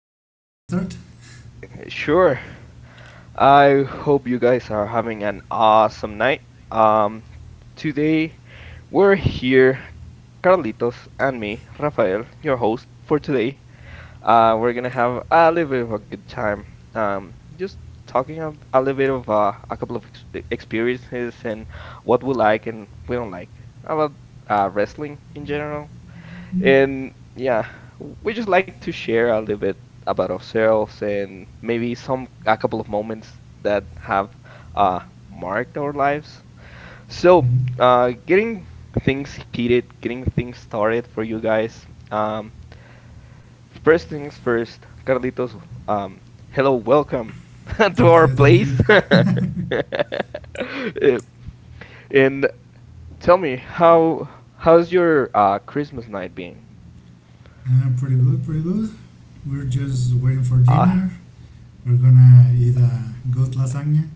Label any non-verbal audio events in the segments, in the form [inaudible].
So, do you Okay, start? sure. I hope you guys are having an awesome night. Um, Today we're here, Carlitos and me, Rafael, your host for today. We're gonna have a little bit of a good time. Just talking a little bit of a couple of ex experiences and what we like and we don't like about wrestling in general. Mhm. And yeah, we just like to share a little bit about ourselves and maybe some a couple of moments that have uh, marked our lives. So, Mhm. Getting things heated, getting things started for you guys. Um, First things first, Carlitos. Um, hello, welcome [laughs] to our Thank you, thank place. you. [laughs] [laughs] Uh, And tell me, how's your Christmas night being? Pretty good, pretty good. We're just Uh, waiting for dinner. We're gonna eat a good lasagna.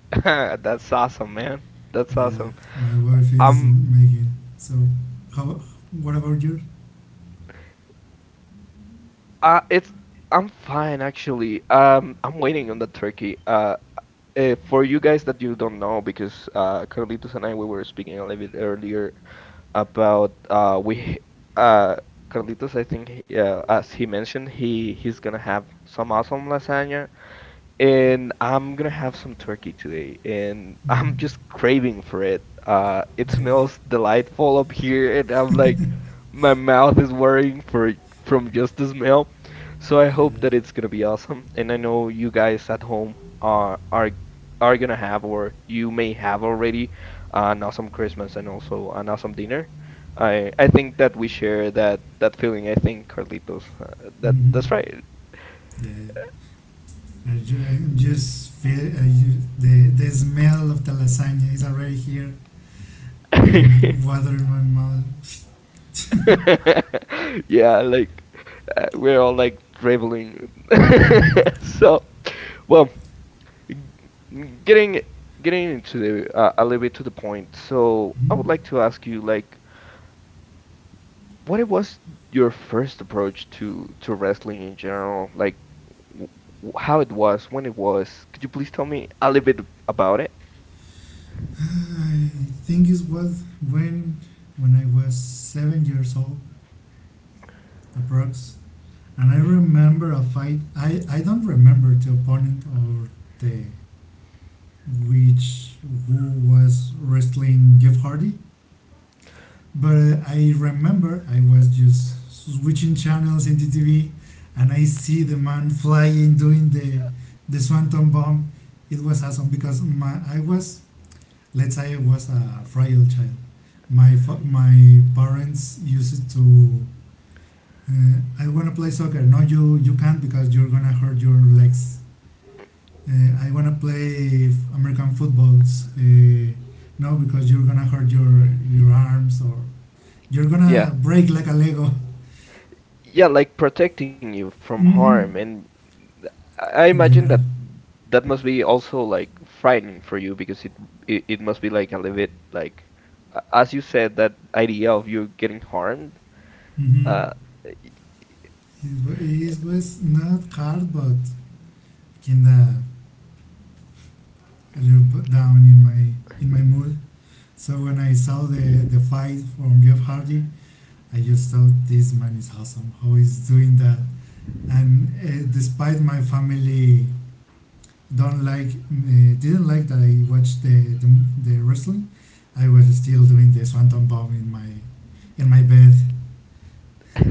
[laughs] That's awesome, man. That's awesome. Yeah, my wife is Um, making. So, how? What about you? It's I'm fine actually. I'm waiting on the turkey. For you guys that you don't know, because Carlitos and I we were speaking a little bit earlier about we uh Carlitos, I think yeah, as he mentioned, he's gonna have some awesome lasagna, and I'm gonna have some turkey today, and [laughs] I'm just Mhm. craving for it. It Yeah, smells delightful up here, and I'm like, my mouth is worrying for from just the smell. So I yeah. hope that it's gonna be awesome. And I know you guys at home are are are gonna have, or you may have already, an awesome Christmas and also an awesome dinner. I think that we share that feeling. I think Carlitos, that Mhm. that's right. Yeah. I'm just feel the smell of the lasagna is already here and [laughs] water in my mouth. [laughs] Yeah, like we're all like traveling. [laughs] Hmm. So, well, getting getting into the a little bit to the point. So, I would Hmm? like to ask you, like, what it was your first approach to wrestling in general? Like, w how it was, when it was. Could you please tell me a little bit about it? I think it was when when I was 7 years old, approx. And I remember a fight. I don't remember the opponent, or the which who was wrestling Jeff Hardy, but I remember I was just switching channels in the TV, and I see the man flying doing the swanton bomb. It was awesome because my I was let's say I was a frail child. My parents used to. I want to play soccer. No, you can't because you're gonna hurt your legs. I want to play American footballs. No, because you're gonna hurt your arms or you're Yeah, gonna break like a Lego. [laughs] yeah, like protecting you from harm. Mm-hmm. And I In imagine that general. that must be also like frightening for you because it must be like a little bit like as you said that idea of you getting harmed. Mm-hmm. Uh, It was not hard, but kinda a little bit down in my mood. So when I saw the fight from Jeff Hardy, I just thought this man is awesome. How he's doing that? And despite my family don't like, didn't like that I watched the wrestling, I was still doing the swanton bomb in my bed.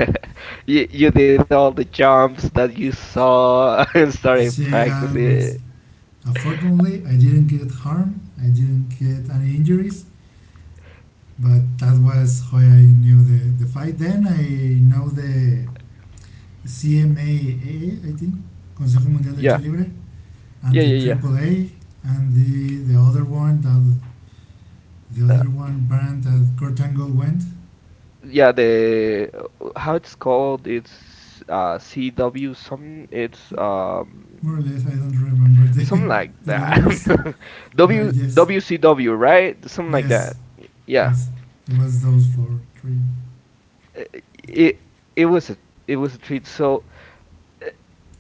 [laughs] you did all the jumps that you saw [laughs] and started She almost. practicing. Unfortunately, I didn't get harmed. I didn't get any injuries. But that was how I knew the fight. Then I know the CMAA, I think, Consejo Mundial de Lucha Yeah, Libre, and yeah, the yeah, yeah. Triple A, and the other one that the Uh, other one brand that Kurt Angle went. yeah, the how it's called? It's CW some It's. More or less, I don't remember the Something [laughs] like the letters, that. [laughs] but W yes, WCW, right? Something like that. yes, Yeah. yes, it was those four, three. It, it was a it was a treat. So uh,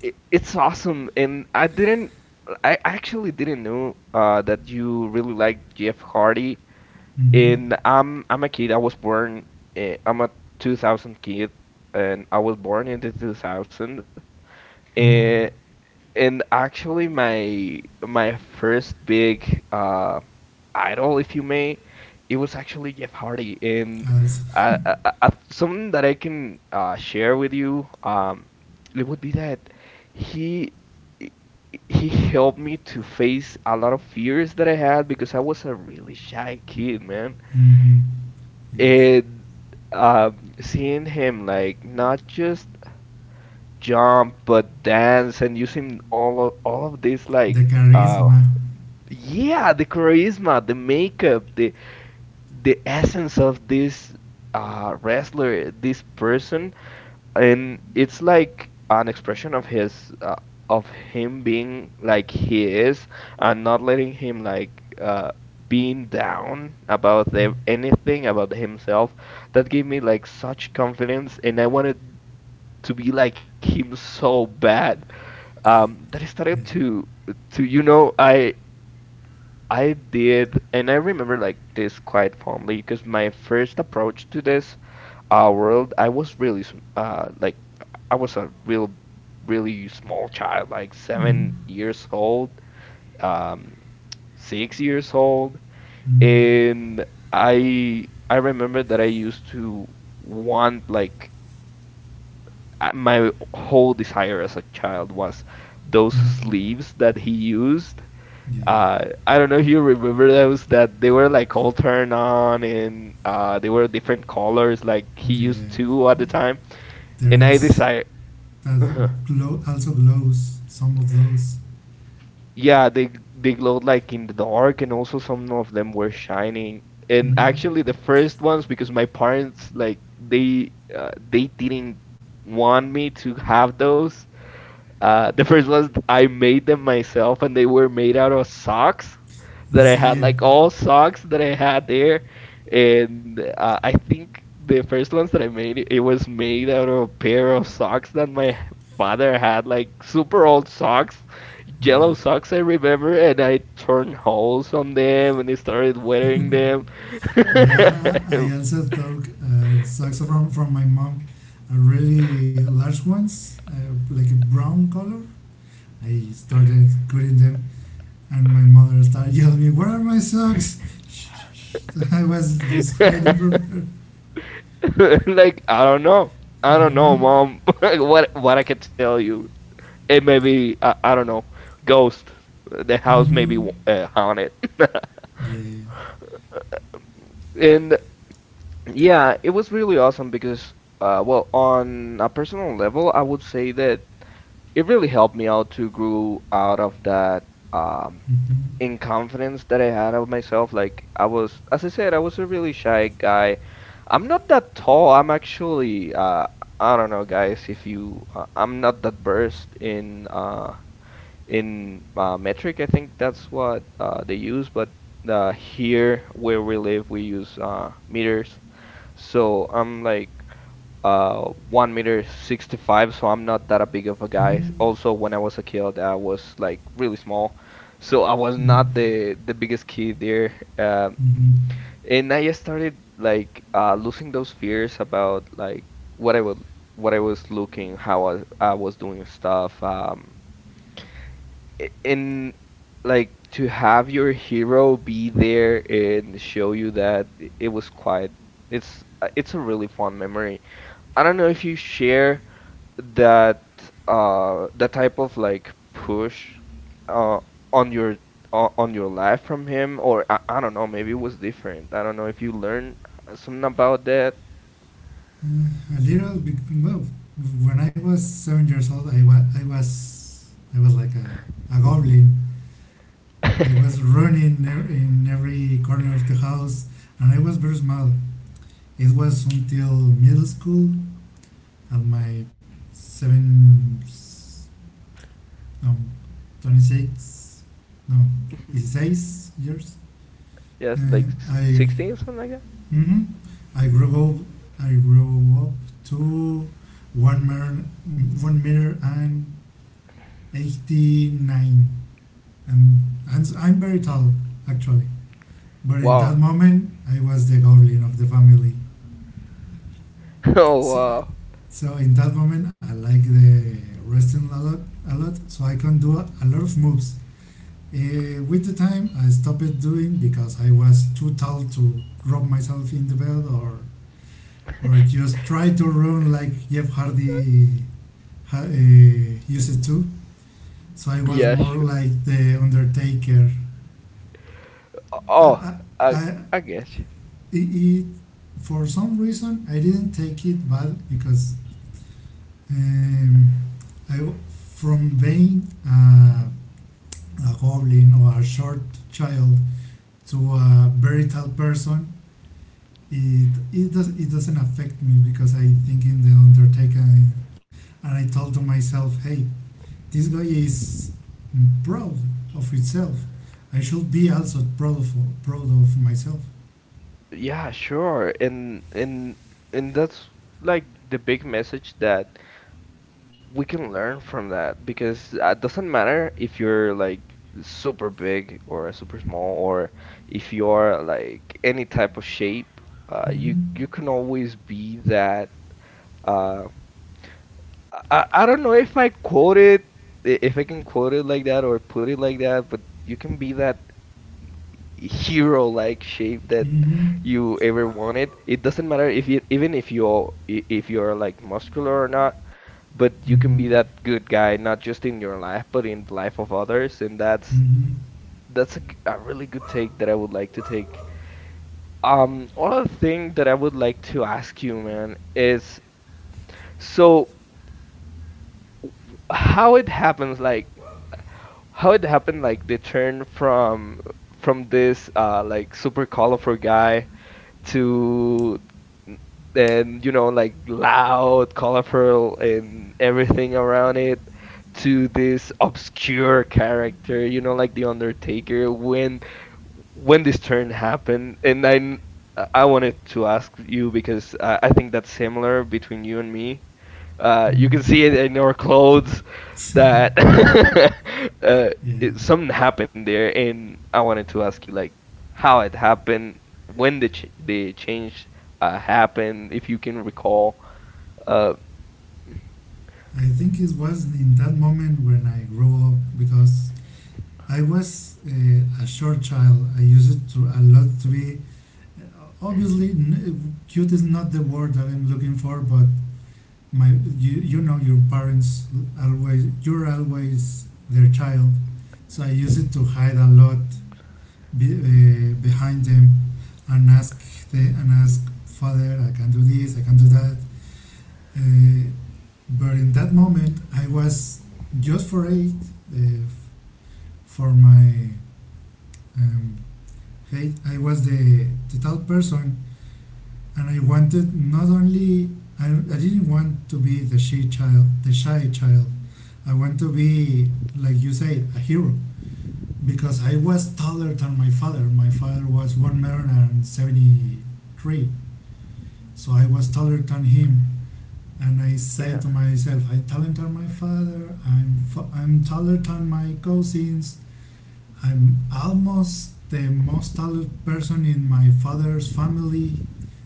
it's awesome, and I actually didn't know that you really liked Jeff Hardy. Mm-hmm. And I'm a kid. I was born. I'm a 2000 kid, and I was born in the 2000. And Mm. and actually, my first big idol, if you may, it was actually Jeff Hardy. And As. Something that I can share with you, it would be that he he helped me to face a lot of fears that I had because I was a really shy kid, man. Mm-hmm. Yes. And seeing him like not just jump but dance and using all of this like The uh charisma. yeah, the charisma, the makeup, the essence of this wrestler, this person, and it's like an expression of his of him being like he is and not letting him like being down about anything about himself. That gave me like such confidence, and I wanted to be like him so bad, that I started Yeah. to to you know I I did, and I remember like this quite fondly because my first approach to this world, I was really like I was really small child, like Mm-hmm. 7 years old, um, 6 years old, Mm. and I remember that I used to want like my whole desire as a child was those Mm. sleeves that he used. Yeah. I don't know if you remember those, that they were like all turned on and they were different colors like he Yeah. used two at the time There and I was decided that uh glow, also glows some of those. yeah they glowed like in the dark and also some of them were shining. And Hmm. actually the first ones, because my parents like they didn't want me to have those. The first ones I made them myself, and they were made out of socks The that I had, same. like all socks that I had there. And I think the first ones that I made, it was made out of a pair of socks that my father had, like super old socks, Yeah. yellow socks, I remember. And I turned holes on them and I started wearing them. Yeah, [laughs] I also took saxophone from my mom, a really large ones, like a brown color. I started cutting them, and my mother started yelling me, "Where are my socks?" [laughs] I was just hiding from her. Like, I don't know. I I don't don't know. know, mom. [laughs] What I can tell you. It may be, I don't know, ghost. The house may be Mm-hmm. Haunted. Yeah. And yeah, it was really awesome because, well, on a personal level, I would say that it really helped me out to grow out of that, Mm-hmm. in confidence that I had of myself. Like I was, as I said, I was a really shy guy. I'm not that tall. I'm actually, I don't know, guys, if you, I'm not that burst in metric. I think that's what they use, but here where we live, we use meters. So I'm like uh 1 meter 65, so I'm not that a big of a guy. Mm-hmm. Also, when I was a kid, I was like really small, so I was Mm-hmm. not the biggest kid there. Um, Mm-hmm. and I started like losing those fears about like what I would what I was looking, how I was doing stuff. And like to have your hero be there and show you that it was quite. It's a really fun memory. I don't know if you share that that type of like push uh on your on your life from him, or I don't know, maybe it was different. I don't know if you learned something about that. [laughs] Uh, a little bit. Well, when I was 7 years old, I was like a goblin. I was running in every corner of the house, and I was very small. It was until middle school, at my seven, s- um, 26, no, Mhm. 6 years. Yes, Uh, like I, 16 something like that. hmm I grew up. I grew up to one meter, 1 meter and 89. And am I'm very tall actually, but in Wow. that moment I was the goblin of the family. [laughs] Oh so, wow. so in that moment I like the wrestling a lot, so I can do a lot of moves. With the time I stopped doing because I was too tall to rub myself in the bed, or just try to run like Jeff Hardy used to. So I was Yeah, more sure. like the Undertaker. Oh, I I I guess. it, it For some reason I didn't take it bad because, um, I w- from being a goblin or a short child to a very tall person, it doesn't affect me because I think in the Undertaker. And I told to myself, hey, this guy is proud of itself. I should be also proud of myself. Yeah, sure. And that's like the big message that we can learn from that, because it doesn't matter if you're like super big or super small, or if you are like any type of shape, you Mm-hmm. you can always be that. Uh, I don't know if I quote it if I can quote it like that or put it like that, but you can be that hero-like shape that Mm-hmm. you ever wanted. It doesn't matter if you, even if you, if you're like muscular or not, but you Mm-hmm. can be that good guy not just in your life but in the life of others, and Mm-hmm. that's a really good take that I would like to take. Other thing that I would like to ask you, man, is so how it happens like how it happened like the turn from this like super colorful guy to, and you know, like loud, colorful, and everything around it, to this obscure character, you know, like the Undertaker. When this turn happened, and I wanted to ask you because I think that's similar between you and me. You can Mm, see it in our clothes that [laughs] uh, yeah, it, something happened there, and I wanted to ask you like how it happened, when the change happened, if you can recall. Uh, I think it was in that moment when I grew up because I was a short child. I used to a lot to be. Obviously, cute is not the word that I'm looking for, but my you, you know your parents always, you're always their child, so I used it to hide a lot behind them and ask and ask father, I can do this, I can do that. Uh, But in that moment, I was just for it, uh, f- for my um, hate. I was the type person, and I wanted not only I didn't want to be the shy child, the shy child. I want to be, like you said, a hero because I was taller than my father. My father was 1 meter and 73, so I was taller than him. And I yeah, say to myself, I'm taller than my father. I'm taller than my cousins. I'm almost the most talented person in my father's family.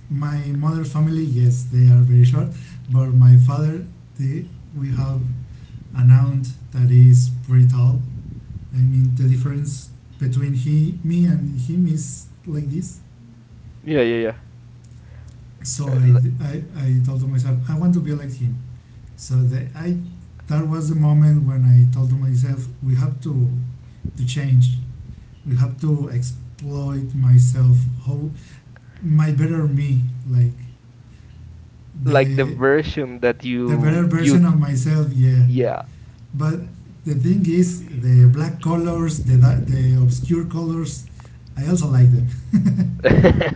My mother's family, yes, they are very short, but my father, the, we have an aunt that is pretty tall. I mean, the difference between he, me, and him is like this. yeah, yeah, yeah. Uh, So l- I told to myself, I want to be like him. So that was the moment when I told myself, we have to, change. We have to exploit myself, how my better me, like Like the the version that the better you version of myself. Yeah, yeah. but the thing is, the black colors, the obscure colors, I also like them. [laughs]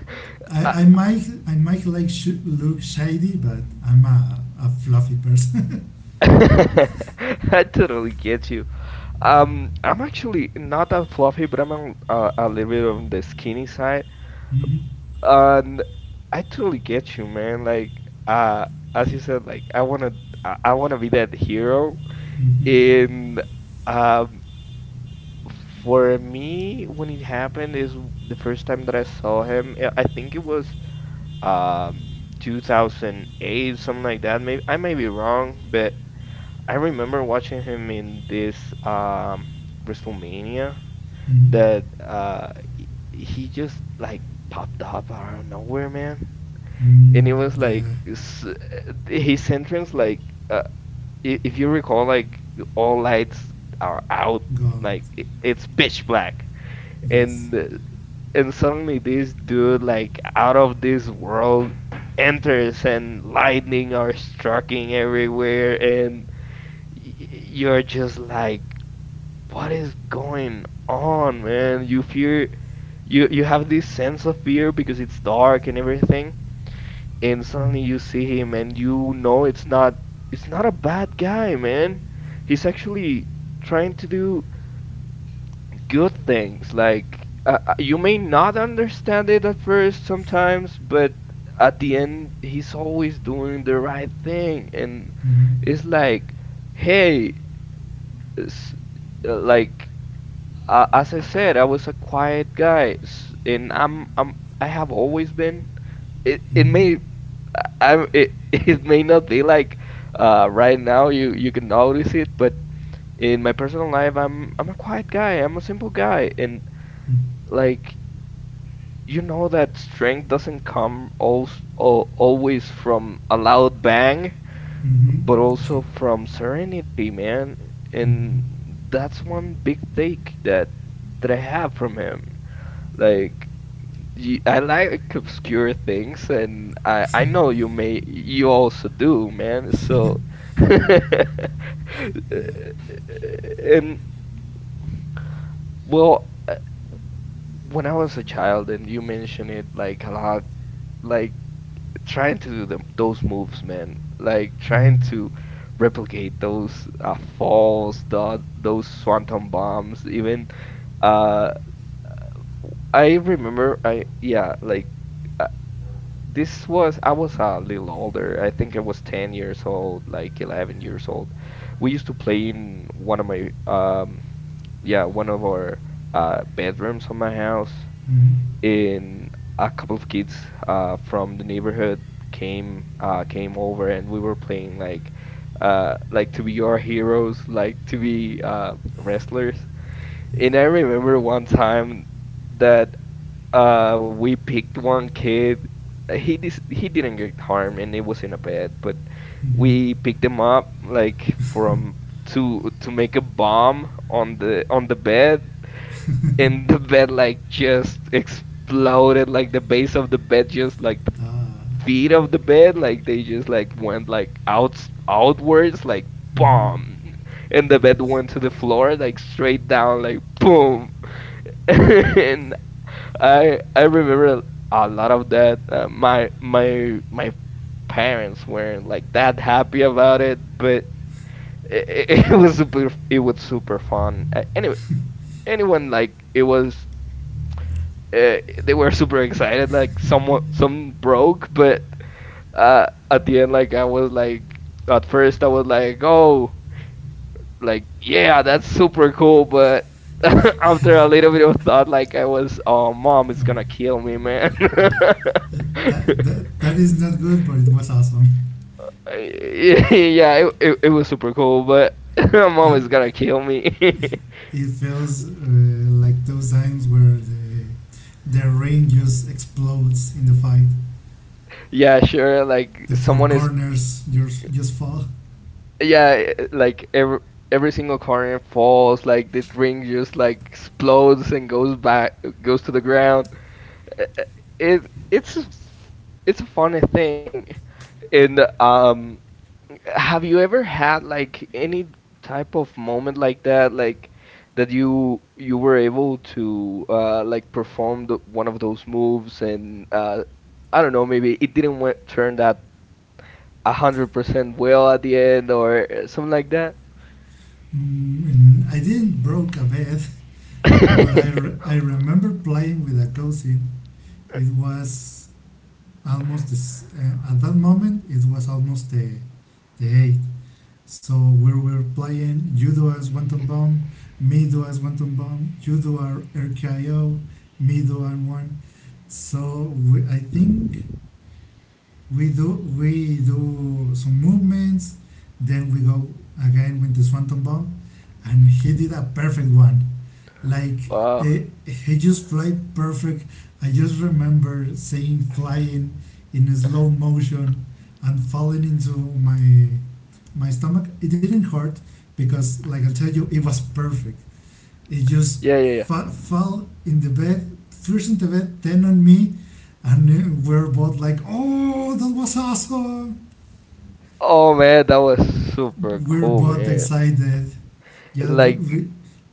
I I might like look shady, but I'm a fluffy person. [laughs] I totally get you. I'm actually not that fluffy, but I'm a little bit on the skinny side. [laughs] Mm-hmm. And I totally get you, man. Like, as you said, I wanna be that hero. Mm-hmm. And um, for me, when it happened, is the first time that I saw him. I think it was um 2008, something like that. Maybe I may be wrong, but I remember watching him in this WrestleMania Mm-hmm. that he just like popped up out of nowhere, man. Mm, And it was yeah. like his entrance like uh, if you recall, like all lights are out, Go. like it's pitch black, Yes. and uh, and suddenly this dude like out of this world enters and lightning are striking everywhere, and you're just like what is going on, man. You fear, you have this sense of fear because it's dark and everything, and suddenly you Mm-hmm. see him and you know it's not a bad guy, man. He's actually trying to do good things. Like you may not understand it at first sometimes, but at the end he's always doing the right thing. And it's like, hey, s- uh, like as I said, I was a quiet guy and I have always been it it Mm-hmm. may I'm it, [laughs] It may not be like, right now you can notice it, but in my personal life I'm a quiet guy. I'm a simple guy, and like you know that strength doesn't come al al always from a loud bang, Mm-hmm. but Sure. also from serenity, man. And Mm-hmm. that's one big take that I have from him. Like I like obscure things, and I know you also do, man. [laughs] So, [laughs] Yeah. and well, uh, when I was a child, and you mentioned it like a lot, like trying to do them those moves, man, like trying to Mm-hmm. replicate those falls, those swanton bombs, even. Uh, I remember, I yeah, like. Uh, This was, I was a little older. I think I was 10 years old, like 11 years old. We used to play in one of one of our bedrooms on my house. Mm-hmm. And a couple of kids from the neighborhood came over, and we were playing like to be our heroes, like to be, wrestlers. Yeah. And I remember one time that we picked one kid. He didn't get harmed, and it was in a bed. But Mm-hmm. we picked him up like from to make a bomb on the bed, and the bed like just exploded. Like the base of the bed, just like the Ah. feet of the bed, like they just like went like out outwards, like Mm-hmm. bomb, and the bed went to the floor, like straight down, like boom. [laughs] And I remember a lot of that. My parents weren't like that happy about it, but it [laughs] was super it was super fun. Anyway, anyone like it was, uh, they were super excited. Like someone some broke, but at the end, like I was like at first I was like, oh, like yeah, that's super cool, but. [laughs] After a little bit of thought, like I was, oh, mom is Um, gonna kill me, man. yeah. Th- That, that, [laughs] that is not good, but it was awesome. [laughs] Yeah, it was super cool, but [laughs] my mom is It, gonna kill me. [laughs] it feels like those times where the ring just explodes in the fight. Yeah, sure. Like The four someone is, corners just fall. yeah, like every single corner falls. Like the ring just like explodes and goes back, goes to the ground. It it's a f- it's a funny thing. And have you ever had like any type of moment like that you were able to like perform one of those moves and I don't know, maybe it didn't w turn that 100% well at the end or, something like that? And I didn't broke a bed, but [laughs] I remember playing with a cousin. It was almost this, at that moment it was almost the eight. So we were playing. You do as Wanton Bomb, me do as Wanton Bomb, you do our RKO, me do and one. So I think we do some movements. Then we go again with the Swanton Bomb, and he did a perfect one. Like Wow. He just played perfect. I just remember seeing flying in slow motion and falling into my my stomach. It didn't hurt because, like I tell you, it was perfect. It just Yeah, yeah, yeah. Fell in the bed, first in the bed, then on me, and we're both like, "Oh, that was awesome!" Oh man, that was super We're cool, both man. excited. Yeah, Like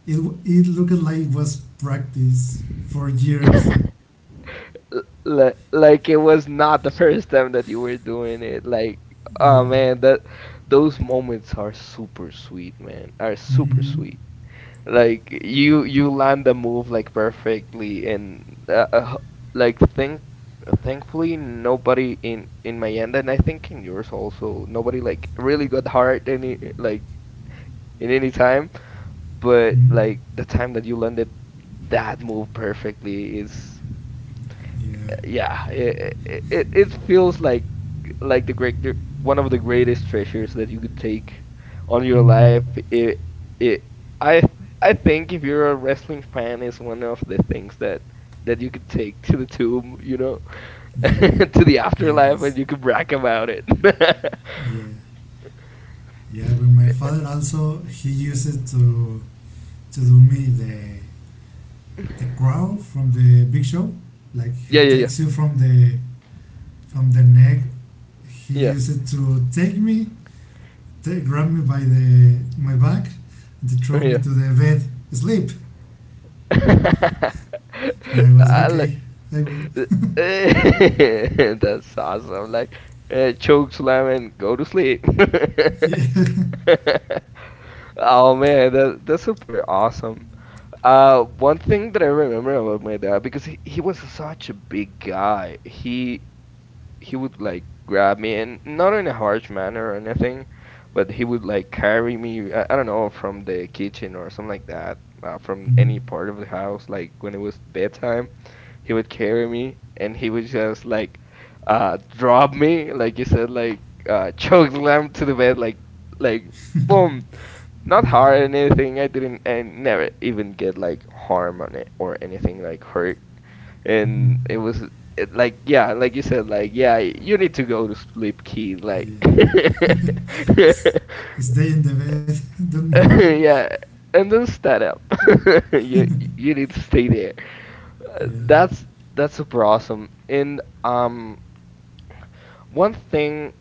it it looked like was practice for years. [laughs] like it was not the [laughs] first time that you were doing it. Like, Yeah. oh man, that those moments are super sweet, man. Are super Mm-hmm. sweet. Like you land the move like perfectly and, uh, uh, like thankfully nobody in my end and I think in yours also nobody like really got hurt any like in any time. But Mm-hmm. like the time that you landed that move perfectly is Yeah. yeah, it it feels like one of the greatest treasures that you could take on your Mm-hmm. life. It it I I think if you're a wrestling fan, is one of the things that that you could take to the tomb, you know, [laughs] Yeah. to the Yeah, it afterlife, is. and you could brag about it. [laughs] Yeah. Yeah, but my father also he uses to do me the crow from the big show. Like he Yeah, yeah, takes you from the neck. He yeah, used to grab me by the my back, and to throw me to yeah, the bed. Sleep. yeah. [laughs] I was I, okay. I will. [laughs] that's awesome. Like, choke slam and go to sleep. Yeah. [laughs] [laughs] Oh man, that's super awesome. One thing that I remember about my dad because he was such a big guy. He would like grab me and not in a harsh manner or anything, but he would like carry me. I don't know from the kitchen or something like that. From Mhm. any part of the house, like when it was bedtime he would carry me and he would just like drop me, like you said, like [laughs] choke slam to the bed, like [laughs] boom. Not Yeah. hard or anything. I never even get like harm on it or anything like hurt. Mhm. And it was like yeah, like you said, like yeah, you need to go to sleep, kid. Like Yeah. [laughs] [laughs] S- Stay in the bed. yeah, and then start up. [laughs] You you need to stay there. Uh, Yeah. That's that's super awesome. And one thing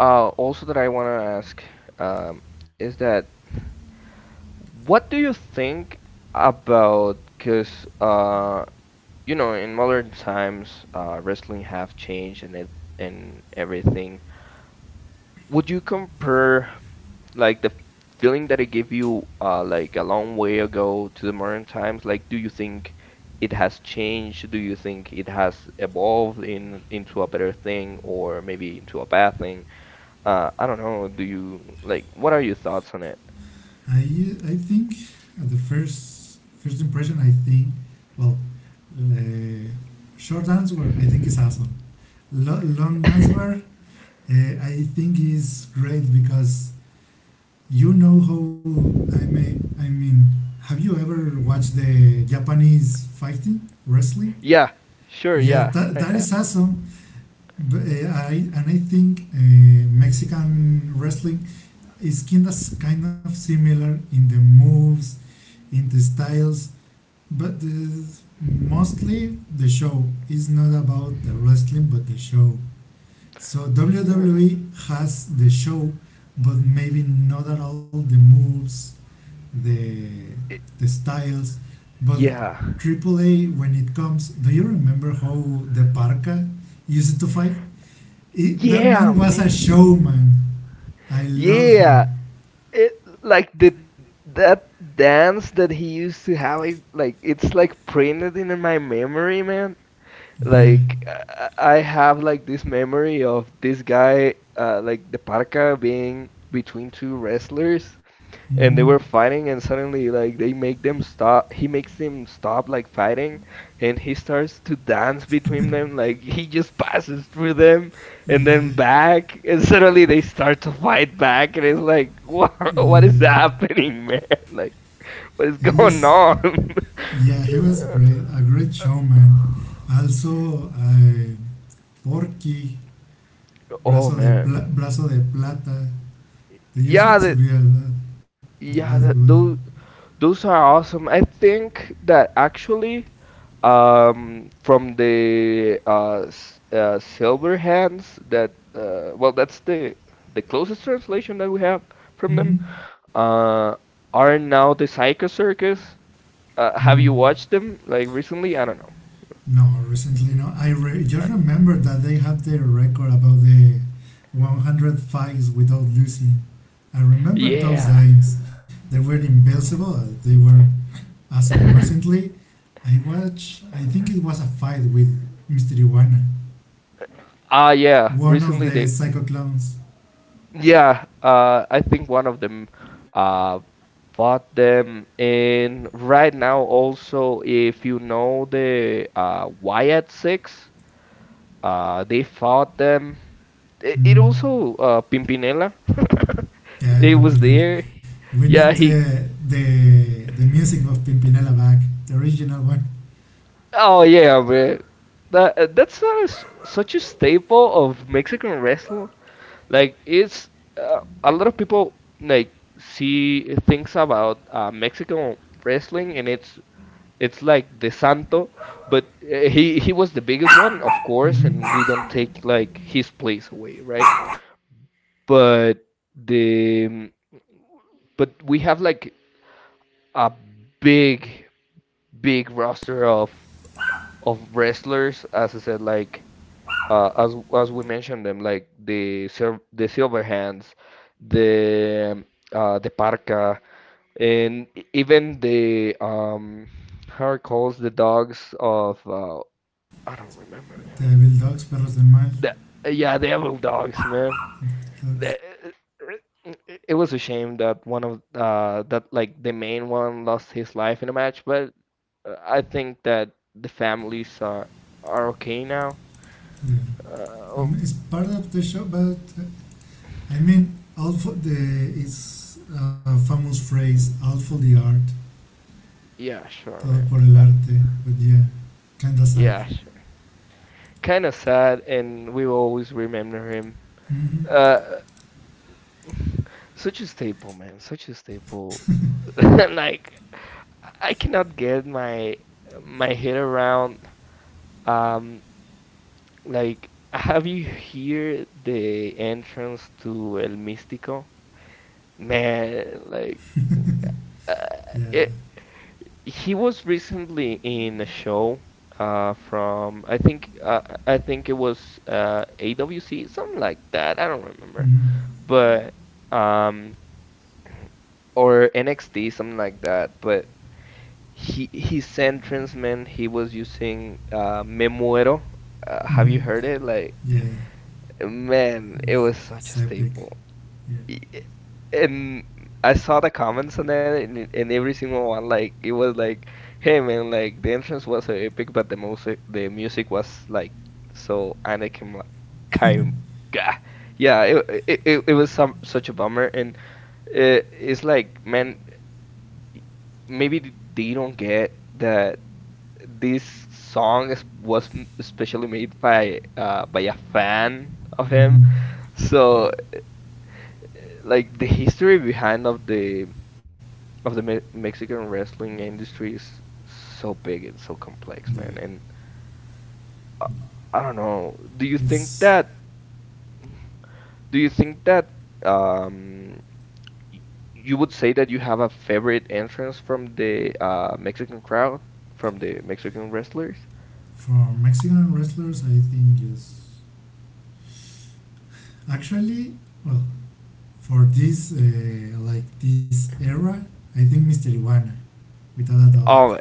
also that I want to ask um, is that what do you think about? Because you know, in modern times, wrestling have changed and it, and everything. Would you compare like the feeling that it gave you, like a long way ago to the modern times, like do you think it has changed? Do you think it has evolved in into a better thing or maybe into a bad thing? I don't know. Do you like what are your thoughts on it? I I think at the first impression, I think, well, the short answer, I think, is awesome. Long answer, [laughs] I think is great because, you know how, I mean, have you ever watched the Japanese fighting wrestling? Yeah, sure, Yeah, yeah. that, I ha is awesome. But, I think Mexican wrestling, it's kind of similar in the moves, in the styles, but mostly the show is not about the wrestling, but the show. So Sure. WWE has the show, but maybe not at all the moves, the I- the styles. But yeah. AAA, when it comes, do you remember how the Parka used to fight? That man Yeah, was a man. showman. I love him. Yeah. It like the that dance that he used to have, I like it's like printed in my memory, man. Yeah. Like I have like this memory of this guy, like the parka being between two wrestlers, Mm-hmm. and they were fighting and suddenly like they make them stop he makes them stop like fighting and he starts to dance between them like he just passes through them and then Yeah, back and suddenly they start to fight back and it's like what [laughs] what is yeah. happening man [laughs] like what is Yes, going on. [laughs] yeah. He was great, a great showman. Also, Porky, Oh man, Brazo de Plata. They use it yeah to that be a lot yeah, good. that those are awesome. I think that actually, from the, Silver Hands that, well, that's the closest translation that we have from them. Mm-hmm. Uh, are now the Psycho Circus. Have Mm. you watched them like recently? I don't know. No, recently no. Just remember that they have the record about the 100 fights without losing. I remember those Yeah. times. They were invincible. They were awesome. But [laughs] recently, I watched, I think it was a fight with Mr. Iguana, Ah, yeah. one of Recently the they. psycho clowns. Yeah. I think one of them. Uh, bought them, and right now also, if you know the Wyatt Six. They fought them. It Mm. also, Pimpinella. [laughs] Yeah, It was Pimpinela. there. We need Yeah, he. The music of Pimpinela back, the original one. Oh yeah, man. That, such a staple of Mexican wrestling. Like it's a lot of people like see things about Mexican wrestling, and it's like the Santo, but he was the biggest one, of course, and we don't take like his place away, right? But the but we have like a big big roster of wrestlers as I said like, as we mentioned them like the silver hands the, the Parca, and even the how it calls the dogs of, I don't remember man The Evil Dogs, Perros del Mal. the yeah the evil dogs man Dogs. the, it was a shame that one of that like the main one lost his life in a match. But, uh, I think that the families are okay now. Yeah. I Oh, mean, it's part of the show, but I mean, all for the, it's a famous phrase, all for the art, yeah, sure, todo man. por el Uh, arte. But yeah, kinda sad. yeah, sure. Kind of sad, and we will always remember him. Hmm. Uh, [sighs] [laughs] such a staple, man. Such a staple. [laughs] Like I cannot get my my head around. Um, like have you hear the entrance to El Místico? Man, like uh, [laughs] Yeah. it he was recently in a show, from I think it was, AWC something like that. I don't remember, Mm-hmm. but um, or NXT something like that. But he his entrance man he was using, Me Muero. Have Mm-hmm. you heard it? Like Yeah, man, it it's, was such it's a epic. staple. Yeah. y- and I saw the comments on that, and every single one like it was like, hey man, like the entrance was so epic, but the music was like so Anakin like kind gah. Yeah, it it was some such a bummer, and it's like man, maybe they don't get that this song is, was especially made by a fan of him, Mm-hmm. Yeah, so like the history behind of the Me Mexican wrestling industry is so big and so complex, yeah. man. And I don't know. Do you think It's that do you think that um y- you would say that you have a favorite entrance from the Mexican crowd, from the Mexican wrestlers? for Mexican wrestlers. I think yes. Actually, well, for this like this era, I think Mister Iguana, without a doubt. Oh,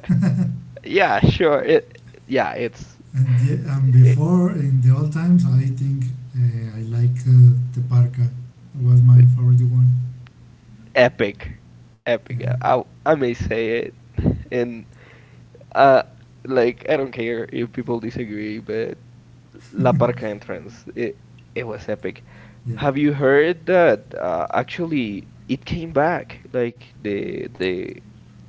yeah, sure. It's And yeah, and it, before in the old times, I think I like the Parka. Was my favorite one. epic. Yeah. Epic. I may say it and uh like I don't care if people disagree, but La [laughs] Parca entrance. It was epic. Yeah. Have you heard that actually it came back? Like the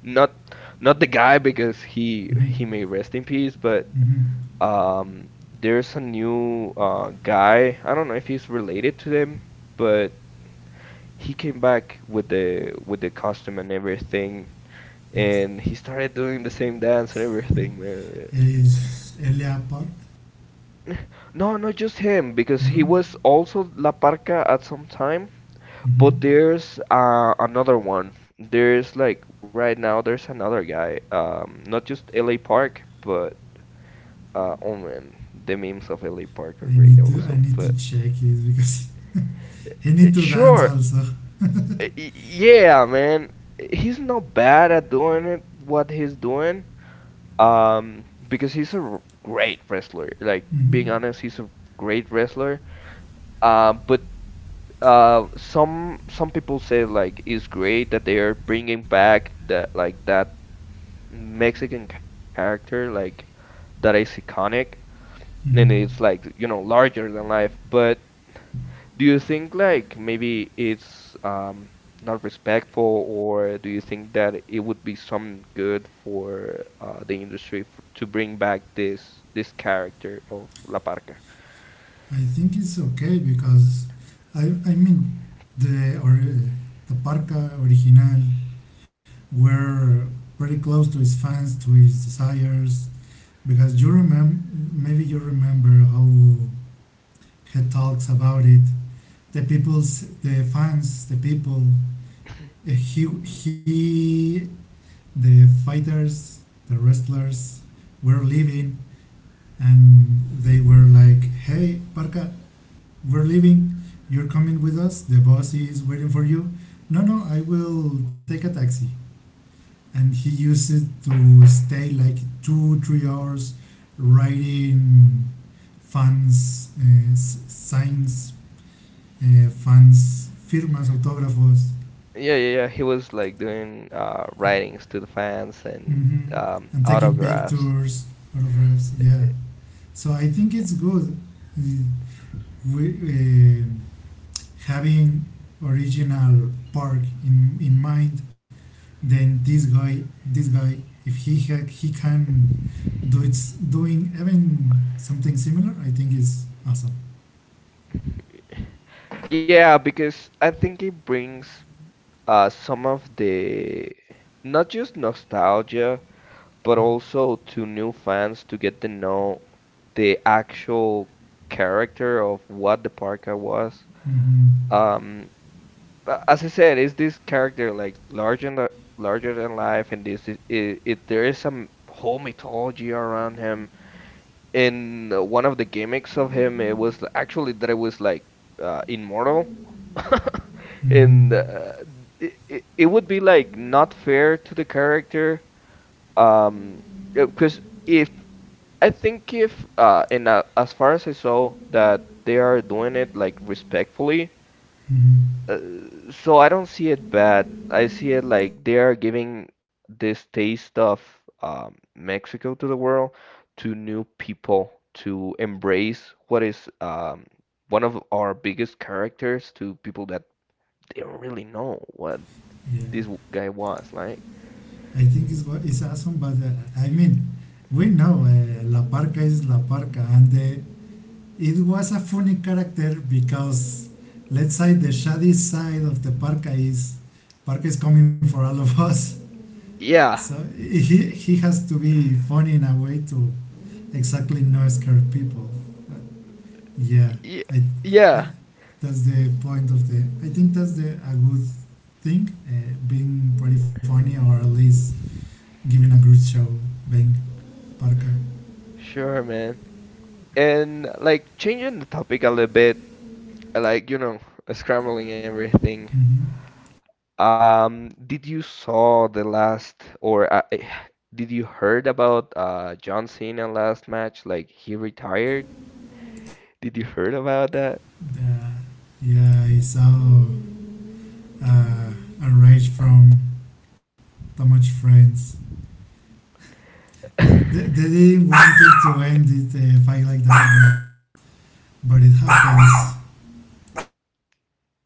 not not the guy because he Mm-hmm. he may rest in peace, but Mm-hmm. There's a new guy. I don't know if he's related to them, but he came back with the costume and everything, Yes. and he started doing the same dance and everything, man. It is Elia Park. No, not just him, because No. he was also La Parca at some time, Mm-hmm. but there's another one. There's like right now there's another guy. Not just LA Park, but oh man, the memes of LA Park are great I also. need But to check it because [laughs] he need to dance sure, also. Yeah, man, he's not bad at doing it, what he's doing. Because he's a great wrestler. Like Mm-hmm. being honest, he's a great wrestler. But Some people say like it's great that they are bringing back that like that Mexican character like that is iconic, and it's Mm-hmm. like, you know, larger than life. But do you think like maybe it's not respectful, or do you think that it would be some good for the industry f to bring back this character of La Parca? I think it's okay because I mean the or the Parca original were pretty close to his fans, to his desires, because you remember, maybe you remember how he talks about it. The people's the fans the people Yeah, he, the fighters, the wrestlers were leaving, and they were like, hey Parca, we're leaving, you're coming with us, the boss is waiting for you. No, no, I will take a taxi. And he used it to stay like 2 3 hours writing fans signs, fans, firmas, autógrafos. Yeah, yeah, yeah. He was like doing writings to the fans and Hmm. And taking autographs. pictures all of us. Yeah, so I think it's good, uh, we, having original park in mind. Then this guy, if he can do, it's doing even something similar, I think is awesome. Yeah, because I think it brings some of the not just nostalgia, but also to new fans to get to know the actual character of what the parka was. hmm Um, as I said, is this character like larger than life, and this is it, there is some whole mythology around him in one of the gimmicks of him. It was actually that it was like immortal. [laughs] And it would be like not fair to the character. Um, because if I think if and as far as I saw, that they are doing it like respectfully, hmm so I don't see it bad. I see it like they are giving this taste of Mexico to the world, to new people, to embrace what is, one of our biggest characters, to people that they don't really know what yeah, this guy was like. I think it's awesome, but I mean, we know La Parca is La Parca, and the— it was a funny character because, let's say, the shady side of the Parka is Parka is coming for all of us. [laughs] Yeah, So he has to be funny in a way to exactly not scare people. But yeah, y I, I yeah, that's the point of the. I think that's the a good thing, being pretty funny, or at least giving a good show. Being Parka. sure, man. And like changing the topic a little bit, like, you know, scrambling everything. Mm-hmm. Did you saw the last, or did you heard about John Cena last match? Like he retired? Did you heard about that? The, yeah, I saw uh, a rage from too much friends. That they didn't want it to end it fight like that, but it happens.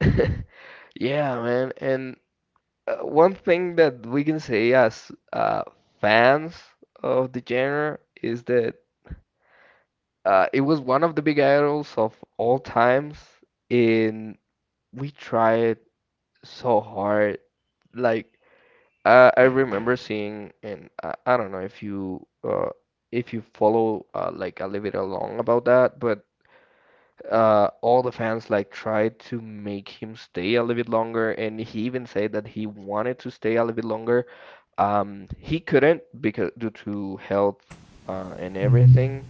[laughs] Yeah, man. And one thing that we can say as fans of the genre is that it was one of the big idols of all times, and we tried so hard. Like I remember seeing, and I don't know if you follow like a little bit along about that, but all the fans like tried to make him stay a little bit longer, and he even said that he wanted to stay a little bit longer. He couldn't because due to health and hmm everything,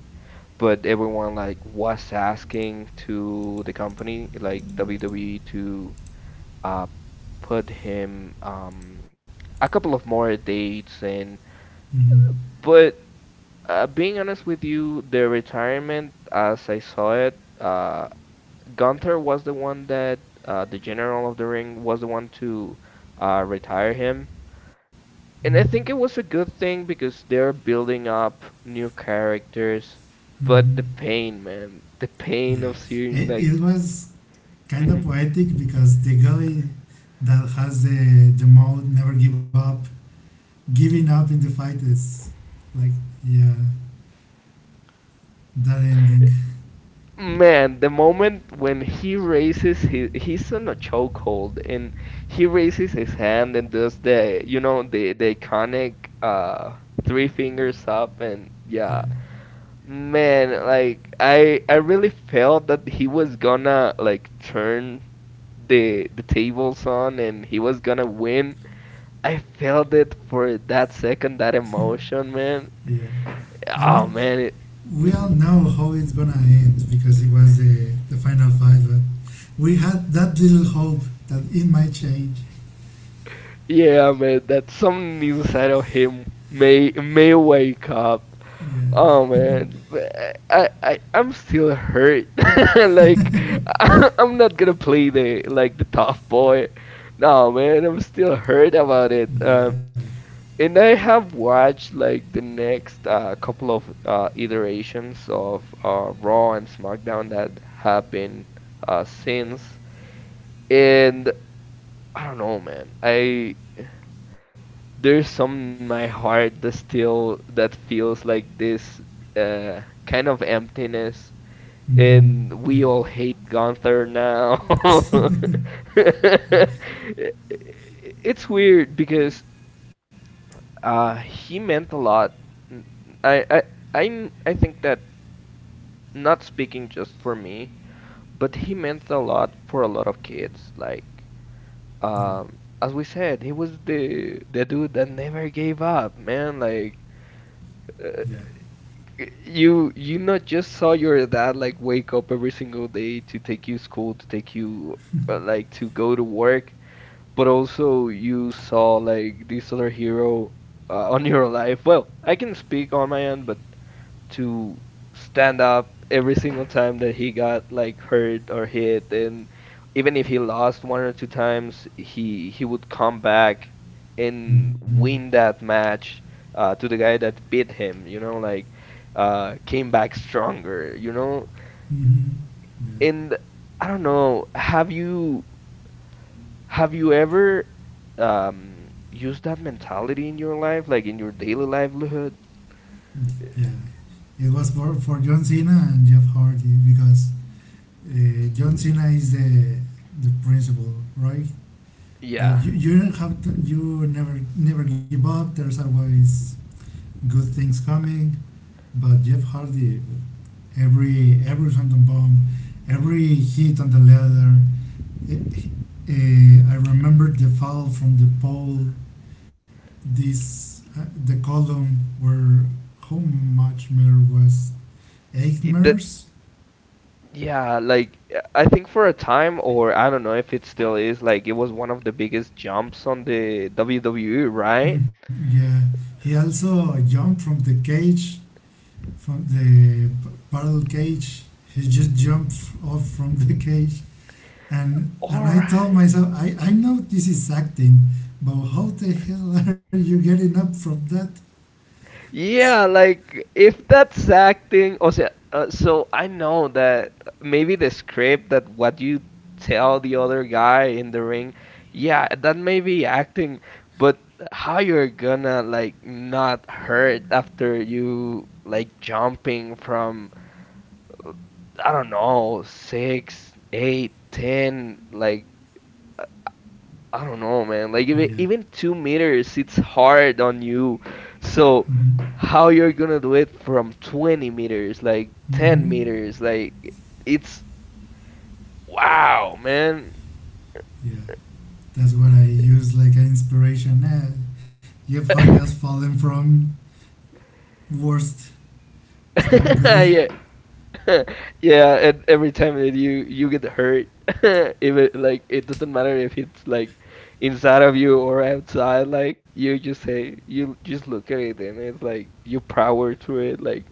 but everyone like was asking to the company like WWE to uh, put him, a couple of more dates, and hmm but being honest with you, the retirement, as I saw it, Gunther was the one that, the General of the Ring was the one to retire him. And I think it was a good thing because they're building up new characters. But the hmm pain, man, the pain Yeah, of seeing it like was kind of [laughs] poetic because the guy that has the mode never give up, giving up in the fight is like, yeah, that ending. Man, the moment when he raises his, he's on a chokehold and he raises his hand and does the, you know, the iconic three fingers up, and Yeah, yeah. Man, like I really felt that he was gonna like turn the tables on, and he was gonna win. I felt it for that second, that emotion, man. yeah. I Oh mean, man, it. we all [laughs] know how it's gonna end because it was the final fight, but we had that little hope that it might change. Yeah, man, that something inside of him may wake up. Yeah, Oh man, I'm still hurt. [laughs] Like I'm not gonna play the like the tough boy. No, man, I'm still hurt about it. yeah, And I have watched like the next couple of iterations of Raw and SmackDown that have been since, and I don't know, man. I There's some in my heart that still that feels like this uh kind of emptiness, mm-hmm. and we Yeah, all hate Gunther now. [laughs] It's weird because he meant a lot. N- I I I think that not speaking just for me, but he meant a lot for a lot of kids. Like yeah, as we said, he was the dude that never gave up, man. Like uh, yeah, you you not just saw your dad like wake up every single day to take you school, to take you like to go to work, but also you saw like this other hero on your life. Well, I can speak on my end, but to stand up every single time that he got like hurt or hit, and even if he lost one or two times, he would come back and mm-hmm. win that match to the guy that beat him, you know, like came back stronger, you know. Mm-hmm. Yeah, And I don't know, have you ever used that mentality in your life, like in your daily livelihood? yeah. It was for John Cena and Jeff Hardy because, John Cena is the principal, right? The, Yeah, you don't have to, you never never give up. There's always good things coming. But Jeff Hardy, every phantom bomb, every hit on the ladder. eh, I remember the foul from the pole. This the column where how much Miller was eight it- that Mers. yeah, like I think for a time, or I don't know if it still is, like it was one of the biggest jumps on the WWE, right? Yeah, he also jumped from the cage, from the parallel cage. He just jumped off from the [laughs] cage. And All I told right. myself, I know this is acting, but how the hell [laughs] are you getting up from that? Yeah, like if that's acting, or sea, so I know that maybe the script, that what you tell the other guy in the ring, yeah, that may be acting, but how you're gonna like not hurt after you like jumping from, I don't know, six, eight, ten, like I don't know, man. Like even Yeah. even 2 meters, it's hard on you. So hmm how you're gonna do it from 20 meters, like 10 hmm meters, like it's wow, man. Yeah. That's what I use like an inspiration. Jeff Hardy has fallen from worst, so I'm [laughs] good. Yeah, [laughs] yeah, and every time that you get hurt, [laughs] if it like it doesn't matter if it's like inside of you or outside, like you just say you just look at it, and it's like you power through it. Like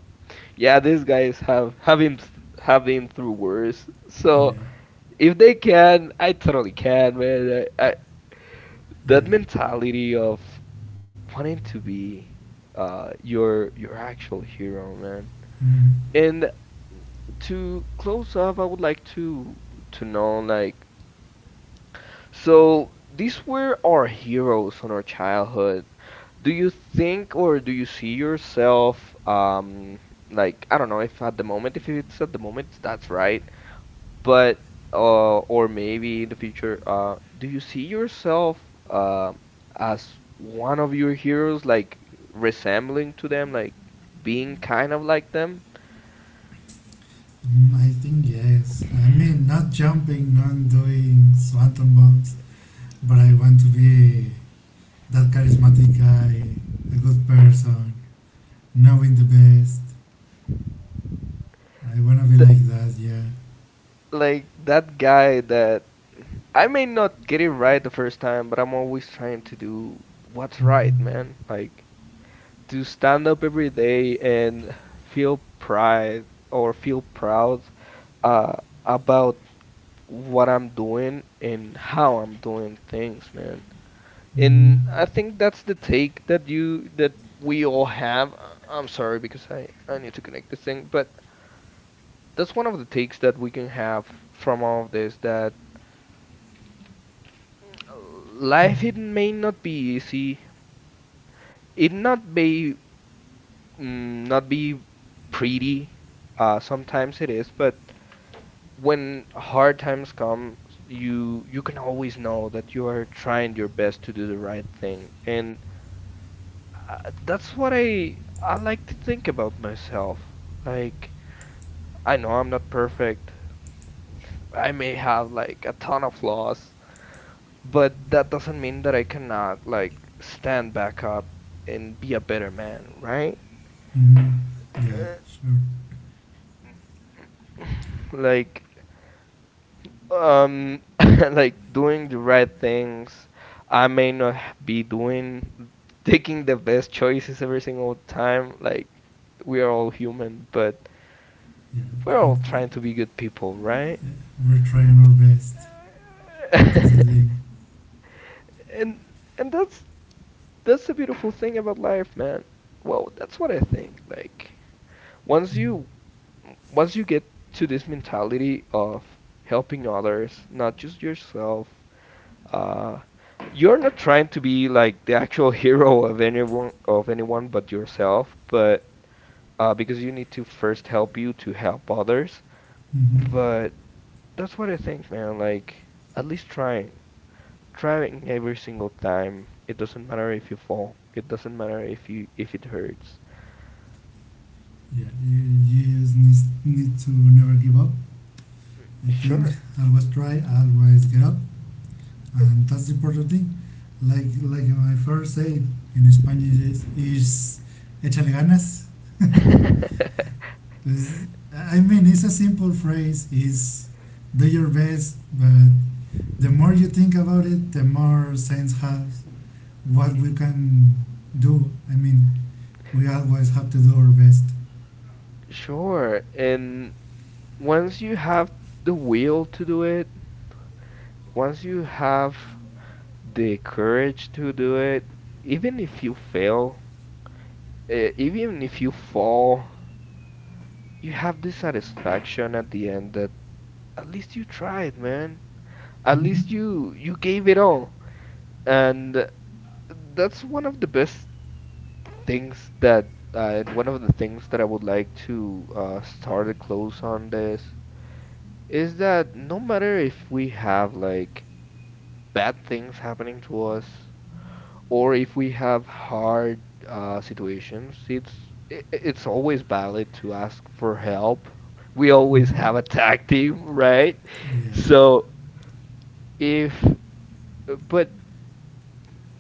yeah, these guys have have been through worse. Yeah. So if they can, I totally can, man. Yeah. That mentality of wanting to be your actual hero, man. Mm, And to close off, I would like to know like, so these were our heroes on our childhood. Do you think, or do you see yourself like I don't know if at the moment, if it's at the moment that's right, but or maybe in the future do you see yourself uh as one of your heroes, like resembling to them, like being kind of like them? I think yes. I mean, not jumping, not doing swanton bombs, but I want to be that charismatic guy, a good person, knowing the best. I want to be Th like that, yeah. Like that guy that I may not get it right the first time, but I'm always trying to do what's right, man. Like to stand up every day and feel pride or feel proud uh, about what I'm doing and how I'm doing things, man. hmm And I think that's the take that you that we all have. Am sorry because I need to connect this thing, but that's one of the takes that we can have from all of this, that life it may not be easy. It not be mm, Not be pretty. Sometimes it is, but when hard times come, you can always know that you are trying your best to do the right thing, and that's what I like to think about myself. Like I know I'm not perfect. I may have like a ton of flaws, but that doesn't mean that I cannot like stand back up and be a better man, right? hmm Yeah, Uh, sure. [sighs] like [laughs] Like doing the right things. I may not be doing, taking the best choices every single time. Like, we are all human, but Yeah, we're all but trying to be good people, yeah, right? we're trying our best. That's the [laughs] thing. And and that's that's the beautiful thing about life, man. Well, that's what I think. Like, Yeah, once you once you get to this mentality of helping others, not just yourself. Uh, you're not trying to be like the [laughs] actual hero of anyone, but yourself, but because you need to first help you to help others. hmm But that's what I think, man. Like at least trying, trying every single time. It doesn't matter if you fall. It doesn't matter if you if it hurts. yeah. You just need, need to never give up. I think Sure. always try, always get up, and that's the important thing. Like my first say in Spanish is échale ganas. [laughs] It's— I mean, it's a simple phrase. Is do your best, but the more you think about it, the more sense has what we can do. I mean, we always have to do our best. Sure. And once you have the will to do it, once you have the courage to do it, even if you fail, even if you fall, you have the satisfaction at the end that at least you tried, man. At Mm-hmm. least you gave it all. And that's one of the best things that and one of the things that I would like to start a close on this is that no matter if we have like bad things happening to us, or if we have hard situations, it's always valid to ask for help. We always Mm-hmm. have a tag team, right? Yeah, So if but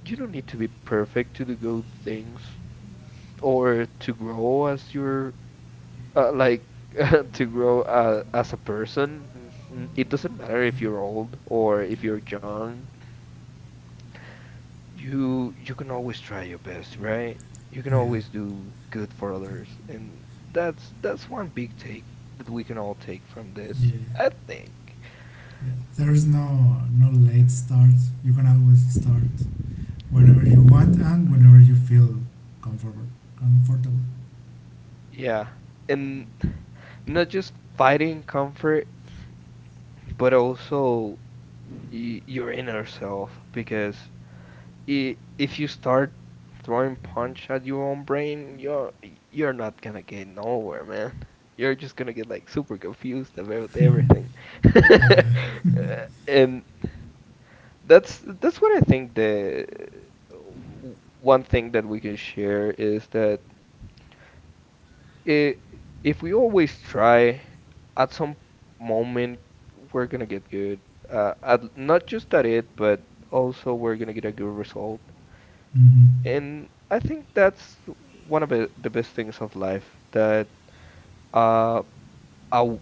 you don't need to be perfect to do good things or to grow as your uh, like [laughs] to grow as a person. It doesn't matter if you're old or if you're young. You can always try your best, right? You can yeah, always do good for others, and that's one big take that we can all take from yeah, this, I think. yeah. There is no no late start. You can always start whenever you want and whenever you feel comfortable. Comfortable. Yeah, and not just fighting comfort, but also y your inner self, because if you start throwing punch at your own brain, you're not gonna get nowhere, man. You're just gonna get like super confused about everything. Yeah. [laughs] And that's what I think the one thing that we can share is that I if we always try, at some moment we're gonna get good. At, not just at it, but also we're gonna get a good result. Mm-hmm. And I think that's one of the best things of life that uh a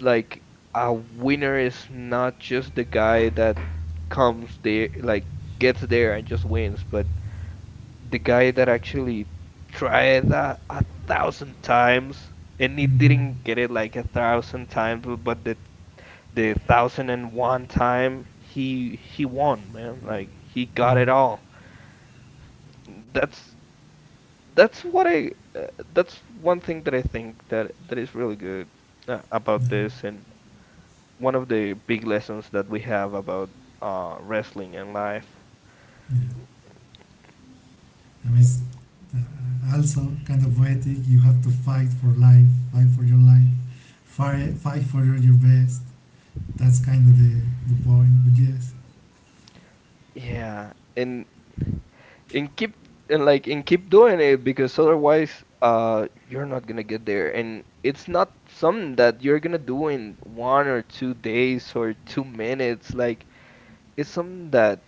like a winner is not just the guy that comes there like gets there and just wins, but the guy that actually tried that a thousand times and he Mm-hmm. didn't get it like a thousand times, but the 1,001 time he won, man. Like he got Yeah. it all. That's that's what I that's one thing that I think that is really good Yeah. about this and one of the big lessons that we have about wrestling and life. Yeah. I mean, it's, also kind of poetic. You have to fight for life, fight for your life, fight, fight for your best. That's kind of the point. But yes, Yeah, and keep and keep doing it because otherwise you're not gonna get there, and it's not something that you're gonna do in 1 or 2 days or 2 minutes. Like it's something that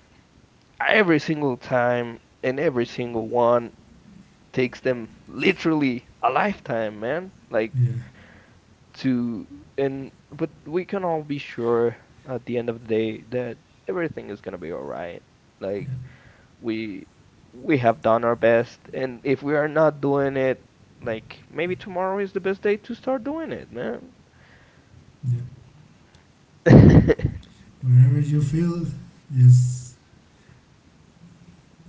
every single time and every single one takes them literally a lifetime, man. Like yeah, to and But we can all be sure at the end of the day that everything is gonna be all right. Like yeah, we we have done our best, and if we are not doing it, like maybe tomorrow is the best day to start doing it, man. yeah. Whenever you feel, just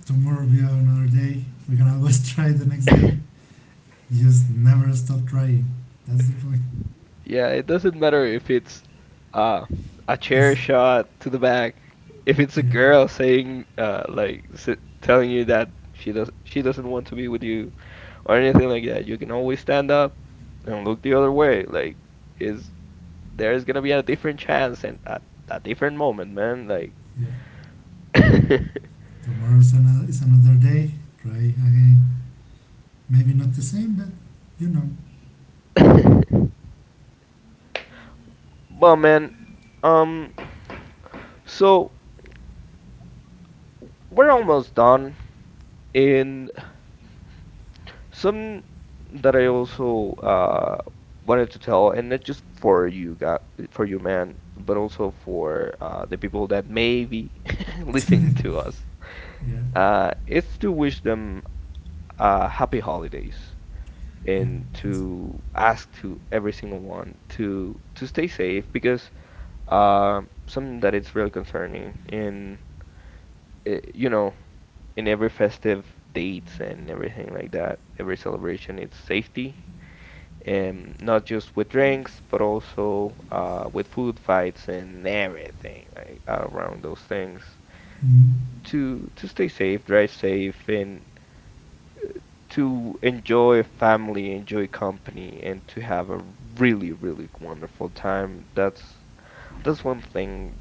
tomorrow will be another day. We can always [laughs] try the next day. [laughs] Just never stop trying. That's the point. Yeah, it doesn't matter if it's uh, a chair It's shot to the back. If it's a Yeah, girl saying, like, s telling you that she doesn't want to be with you or anything like that, you can always stand up and look the other way. Like, is There's gonna be a different chance and a different moment, man. Like, yeah. Tomorrow is another day. Try again. Maybe not the same, but you know. [laughs] but man, um, so we're almost done, and Some that I also wanted to tell, and not just for you guy, for you man, but also for the people that may be [laughs] listening to [laughs] us, Yeah, is to wish them happy holidays yeah. and That's to ask to every single one to stay safe, because something that it's really concerning in eh, you know in every festive dates and everything like that, every celebration, it's safety, not just with drinks, but also with food fights and everything like around those things, Mm, to stay safe, drive safe, and to enjoy family, enjoy company, and to have a really, really wonderful time. That's one thing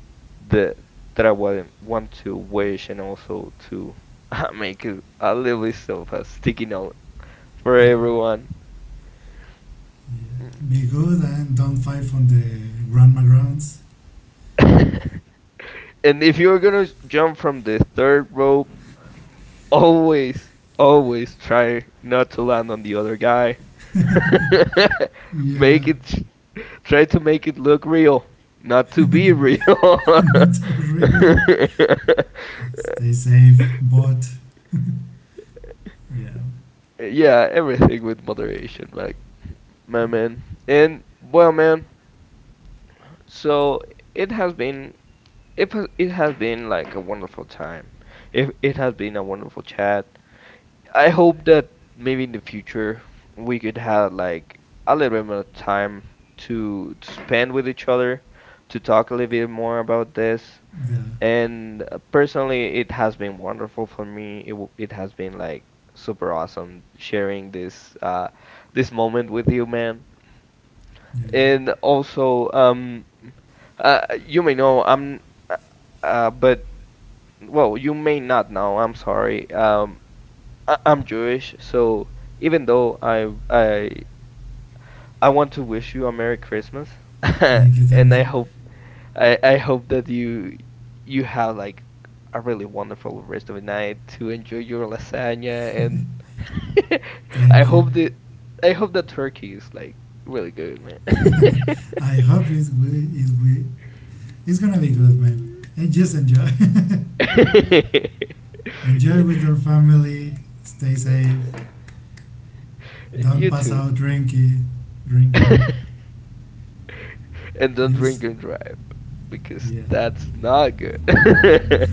that that I want to wish, and also to [laughs] make it a little bit of a sticky note for yeah, everyone. yeah. Be good and don't fight on the grandma grounds. [laughs] And if you're gonna jump from the third rope, always, always try not to land on the other guy. [laughs] Make it, try to make it look real, not to be real. [laughs] Not real. [laughs] Yes, stay safe, but yeah, Yeah, everything with moderation, like my man. And well, man, so it has been, it has been like a wonderful time. It has been a wonderful chat. I hope that maybe in the future we could have like a little bit more time to spend with each other, to talk a little bit more about this. yeah, And personally, it has been wonderful for me. It has been like super awesome sharing this this moment with you, man. yeah. And also, you may know I'm, uh, but well, you may not know. I'm sorry. I'm Jewish, so even though I want to wish you a Merry Christmas, [laughs] and Thank I you, hope I I hope that you have like a really wonderful rest of the night to enjoy your lasagna, and [laughs] [laughs] I thank you. hope that I hope that turkey is like really good, man. [laughs] I hope it will, it's gonna be good, man. And just enjoy, [laughs] [laughs] enjoy with your family. Stay safe. Don't You pass too. out drinking, drinking. [laughs] And don't Use, drink and drive, because yeah, that's not good. [laughs]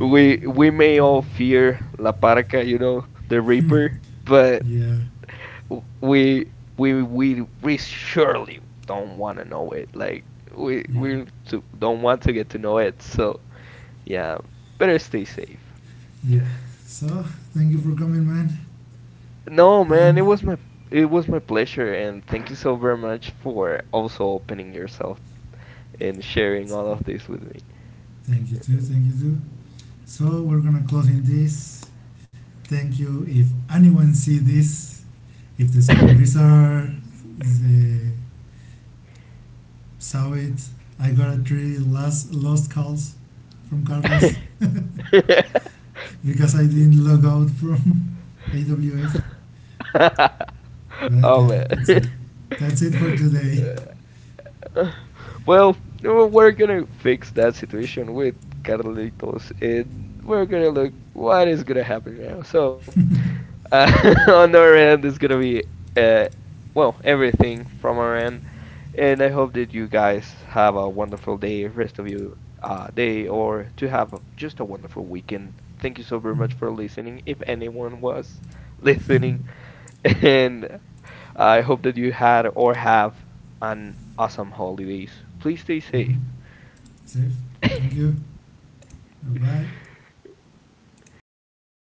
We may all fear La Parca, you know, the Reaper, but yeah, we we surely don't want to know it. Like yeah. we don't want to get to know it. So yeah, better stay safe. Yeah. So thank you for coming, man. No, And man, it was my pleasure, and thank you so very much for also opening yourself and sharing it's all okay. of this with Thank you too. Thank you too. So we're gonna close in this. Thank you. If anyone see this, if the me. supervisor the, saw it, I got three last lost calls from Carlos [laughs] because I didn't log out from [laughs] AWS. [laughs] But Oh yeah, man. that's it. That's it for [laughs] today. Well, no, we're gonna fix that situation with Carlitos, and we're gonna look what is gonna happen now. So, [laughs] on our end, it's gonna be, uh, well, everything from our end, and I hope that you guys have a wonderful day, rest of your day, or to have a, just a wonderful weekend. Thank you so very much for listening, if anyone was listening, [laughs] and I hope that you had or have an awesome holidays. Please stay safe. Mhm. Safe. Thank you. Bye bye.